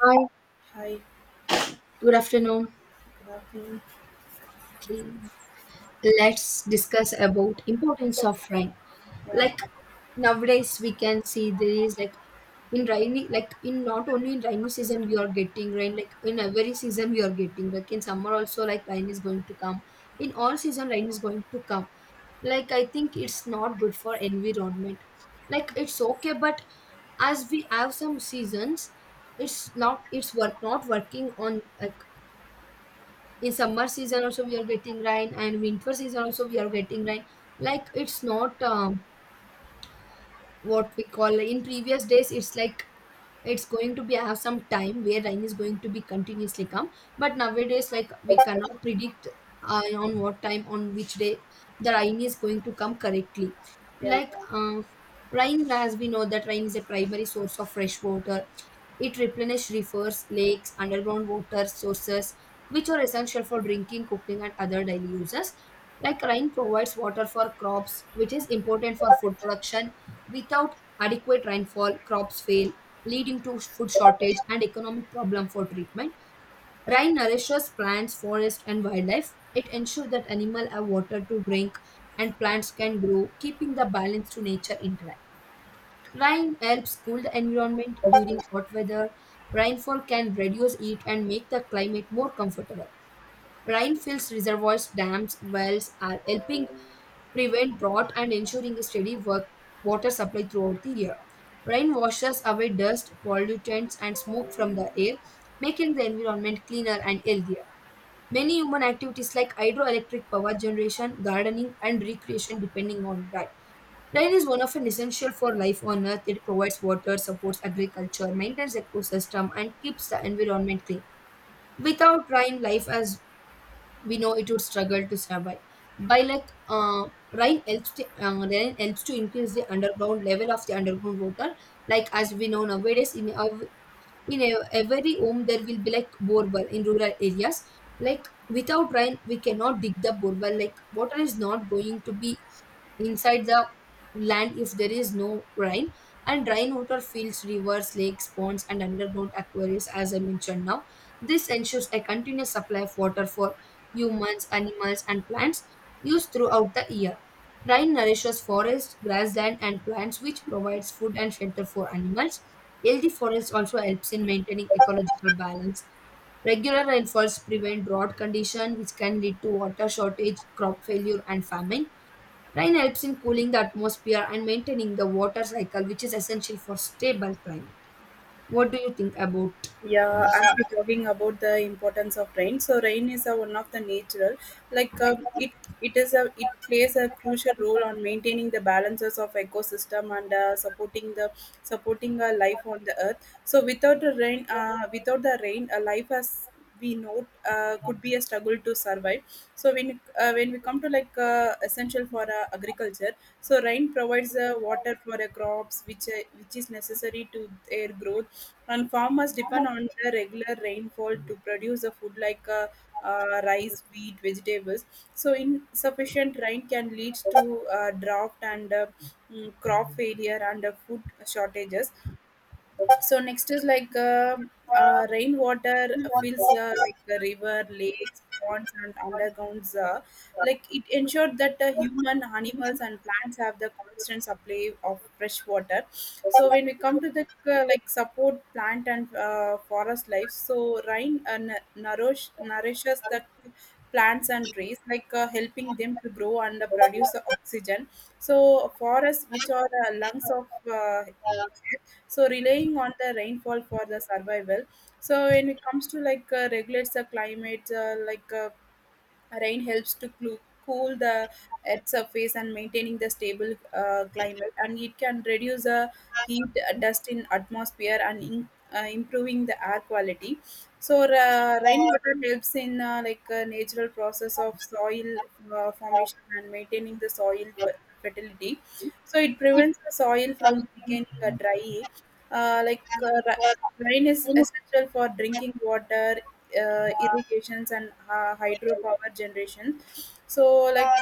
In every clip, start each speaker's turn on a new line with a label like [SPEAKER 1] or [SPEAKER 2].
[SPEAKER 1] Hi,
[SPEAKER 2] Hi,
[SPEAKER 1] good afternoon.
[SPEAKER 2] good afternoon.
[SPEAKER 1] Okay, let's discuss about importance of rain.
[SPEAKER 2] Yeah,
[SPEAKER 1] Like nowadays, we can see there is like in rainy, like in not only in rainy season we are getting rain. Like in every season we are getting. Like in summer also, like rain is going to come. In all season, rain is going to come. Like I think it's not good for environment. Like it's okay, but as we have some seasons, it's not it's work not working on like in summer season also we are getting rain and winter season also we are getting rain like it's not what we call in previous days it's like it's going to be I have some time where rain is going to be continuously come but nowadays like we cannot predict on what time on which day the rain is going to come correctly
[SPEAKER 2] yeah.
[SPEAKER 1] like rain as we know that rain is a primary source of fresh water it replenishes rivers lakes underground water sources which are essential for drinking cooking and other daily uses like rain provides water for crops which is important for food production without adequate rainfall crops fail leading to food shortage and economic problem for treatment. Rain nourishes plants, forest, and wildlife. It ensures that animals have water to drink and plants can grow, keeping the balance to nature intact. Rain helps cool the environment during hot weather. Rainfall can reduce heat and make the climate more comfortable. Rainfills, reservoirs, dams, wells are helping prevent drought and ensuring a steady work, water supply throughout the year. Rain washes away dust, pollutants, and smoke from the air, making the environment cleaner and healthier. Many human activities like hydroelectric power generation, gardening, and recreation depending on rain. Rain is one of an essential for life on earth. It provides water, supports agriculture, maintains ecosystem, and keeps the environment clean. Without rain, life as we know it would struggle to survive. By like rain helps to increase the underground level of the underground water. Like as we know nowadays, every home there will be like borewell in rural areas. Like without rain, we cannot dig the borewell. Like water is not going to be inside the land if there is no rain and rainwater fills rivers lakes ponds and underground aquariums as I mentioned now this ensures a continuous supply of water for humans animals and plants used throughout the year rain nourishes forests grassland and plants which provides food and shelter for animals healthy forests also helps in maintaining ecological balance regular rainfalls prevent drought condition which can lead to water shortage crop failure and famine. Rain helps in cooling the atmosphere and maintaining the water cycle, which is essential for stable climate. What do you think about
[SPEAKER 2] Yeah,
[SPEAKER 1] this?
[SPEAKER 2] I'm
[SPEAKER 1] Uh,
[SPEAKER 2] talking about the importance of rain. So rain is a, one of the natural,
[SPEAKER 1] like,
[SPEAKER 2] it it is a it plays a crucial role on maintaining the balances of ecosystem and supporting the supporting a life on the earth. So without the rain, without the rain, a life as we know could be a struggle to survive. So when we come to essential for agriculture, so rain provides water for the crops, which is necessary to their growth, and farmers depend on the regular rainfall to produce the food rice, wheat, vegetables. So, insufficient rain can lead to drought and crop failure and food shortages. So next is like rainwater fills like the river, lakes, ponds, and undergrounds. Like it ensured that human, animals, and plants have the constant supply of fresh water. So when we come to the like support plant and forest life, so rain nourishes the plants and trees, helping them to grow and produce oxygen. So forests, which are lungs of so relying on the rainfall for the survival, so when it comes to regulates the climate rain helps to cool the earth surface and maintaining the stable climate, and it can reduce the heat, dust in atmosphere, and in, improving the air quality. So rainwater helps in like a natural process of soil formation and maintaining the soil fertility. So it prevents the soil from becoming dry. Uh, like uh, ra- Rain is essential for drinking water, irrigations and hydropower generation, so like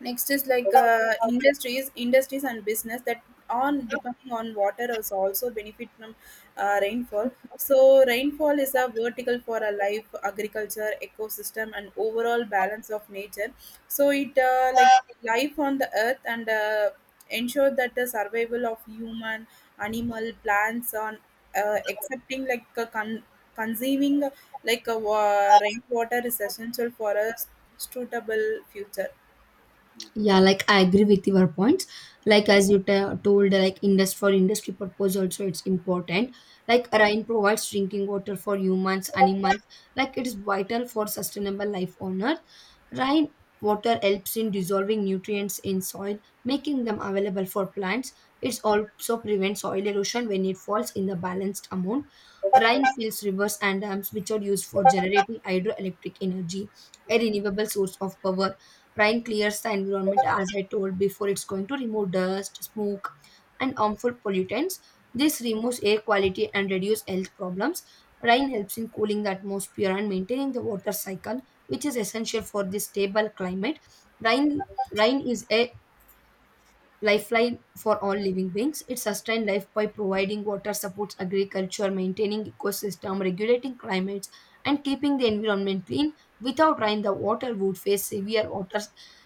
[SPEAKER 2] next is industries, industries and business that on depending on water is also benefit from rainfall. So rainfall is a vertical for a life, agriculture, ecosystem, and overall balance of nature. So it like life on the earth and ensure that the survival of human, animal, plants on accepting like a consuming like a rainwater is essential for a suitable future.
[SPEAKER 1] Yeah, like I agree with your points. Like as you told, like industry for industry purpose also it's important. Like rain provides drinking water for humans, animals. Like it is vital for sustainable life on Earth. Rain water helps in dissolving nutrients in soil, making them available for plants. It also prevents soil erosion when it falls in the balanced amount. Rain fills rivers and dams, which are used for generating hydroelectric energy, a renewable source of power. Rain clears the environment, as I told before, it's going to remove dust, smoke, and harmful pollutants. This removes air quality and reduce health problems. Rain helps in cooling the atmosphere and maintaining the water cycle, which is essential for this stable climate. Rain, rain is a lifeline for all living beings. It sustains life by providing water, supports agriculture, maintaining ecosystem, regulating climates, and keeping the environment clean. Without rain, the water would face severe water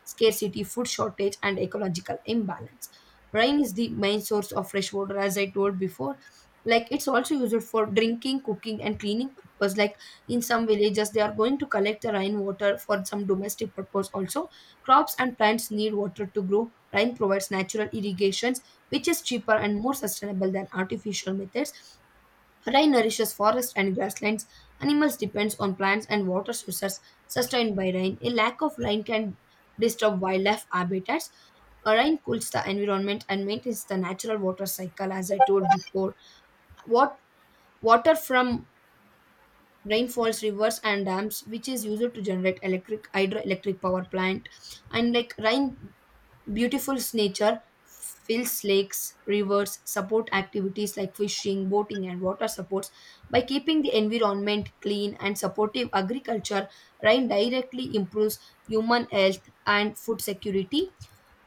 [SPEAKER 1] scarcity, food shortage, and ecological imbalance. Rain is the main source of fresh water, as I told before. Like it's also used for drinking, cooking, and cleaning purpose. Like in some villages, they are going to collect the rainwater for some domestic purpose also. Crops and plants need water to grow. Rain provides natural irrigations, which is cheaper and more sustainable than artificial methods. Rain nourishes forests and grasslands. Animals depends on plants and water sources sustained by rain. A lack of rain can disturb wildlife habitats. A rain cools the environment and maintains the natural water cycle, as I told before. What water from rainfalls, rivers, and dams, which is used to generate electric hydroelectric power plant, and like rain. Beautiful nature fills lakes, rivers, support activities like fishing, boating, and water sports. By keeping the environment clean and supportive agriculture, rain directly improves human health and food security.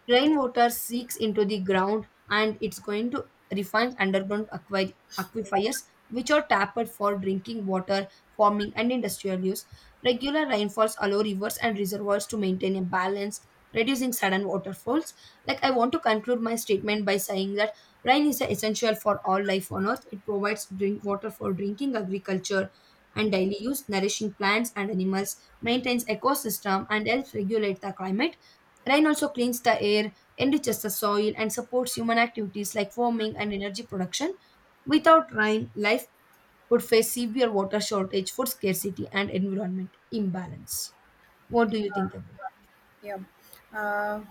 [SPEAKER 1] Rainwater seeps into the ground and it's going to refine underground aquifers, which are tapped for drinking water, farming, and industrial use. Regular rainfalls allow rivers and reservoirs to maintain a balance, reducing sudden waterfalls. Like, I want to conclude my statement by saying that rain is essential for all life on earth. It provides drink water for drinking, agriculture, and daily use, nourishing plants and animals, maintains ecosystem, and helps regulate the climate. Rain also cleans the air, enriches the soil, and supports human activities like farming and energy production. Without rain, life would face severe water shortage, food scarcity, and environment imbalance. What do you think about
[SPEAKER 2] Yeah, uh,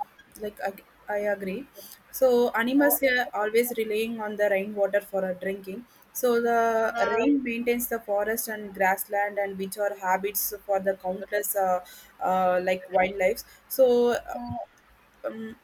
[SPEAKER 2] like I agree. So animals are always relying on the rainwater for drinking. So the rain maintains the forest and grassland, and which are habits for the countless like wildlife. So. um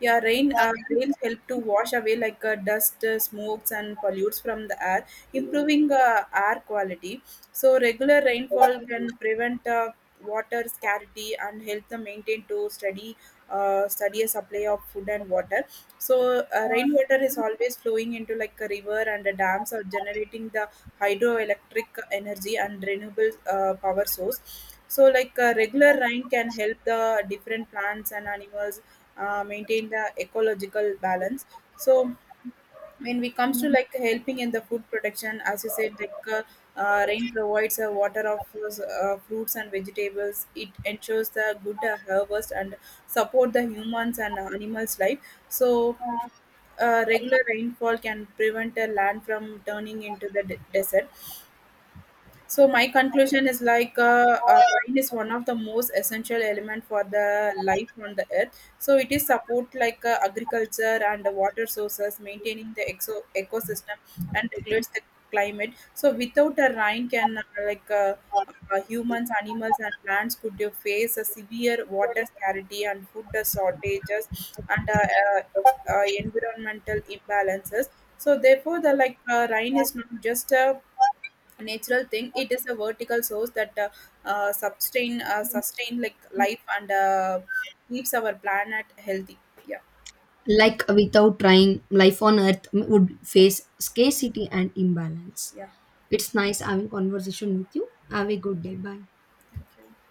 [SPEAKER 2] yeah, rains help to wash away dust, smokes, and pollutes from the air, improving air quality. So regular rainfall can prevent water scarcity and help the maintain to steady a supply of food and water. So rainwater is always flowing into like a river and the dams are generating the hydroelectric energy and renewable power source. So regular rain can help the different plants and animals maintain the ecological balance, so when it comes to like helping in the food production, as you said rain provides a water of fruits and vegetables. It ensures the good harvest and support the humans and animals life. So regular rainfall can prevent a land from turning into the desert. So my conclusion is wine is one of the most essential element for the life on the earth. So it is support agriculture and the water sources, maintaining the ecosystem and regulates the climate. So without a rain, can humans, animals, and plants could face a severe water scarcity and food shortages and environmental imbalances. So therefore, the like rain is not just a natural thing. It is a vertical source that sustain like life and keeps our planet healthy. Yeah.
[SPEAKER 1] it? Like without rain, life on Earth would face scarcity and imbalance.
[SPEAKER 2] Yeah.
[SPEAKER 1] It's nice having conversation with you.
[SPEAKER 2] Yeah,
[SPEAKER 1] Have a good day. Bye.
[SPEAKER 2] thank you.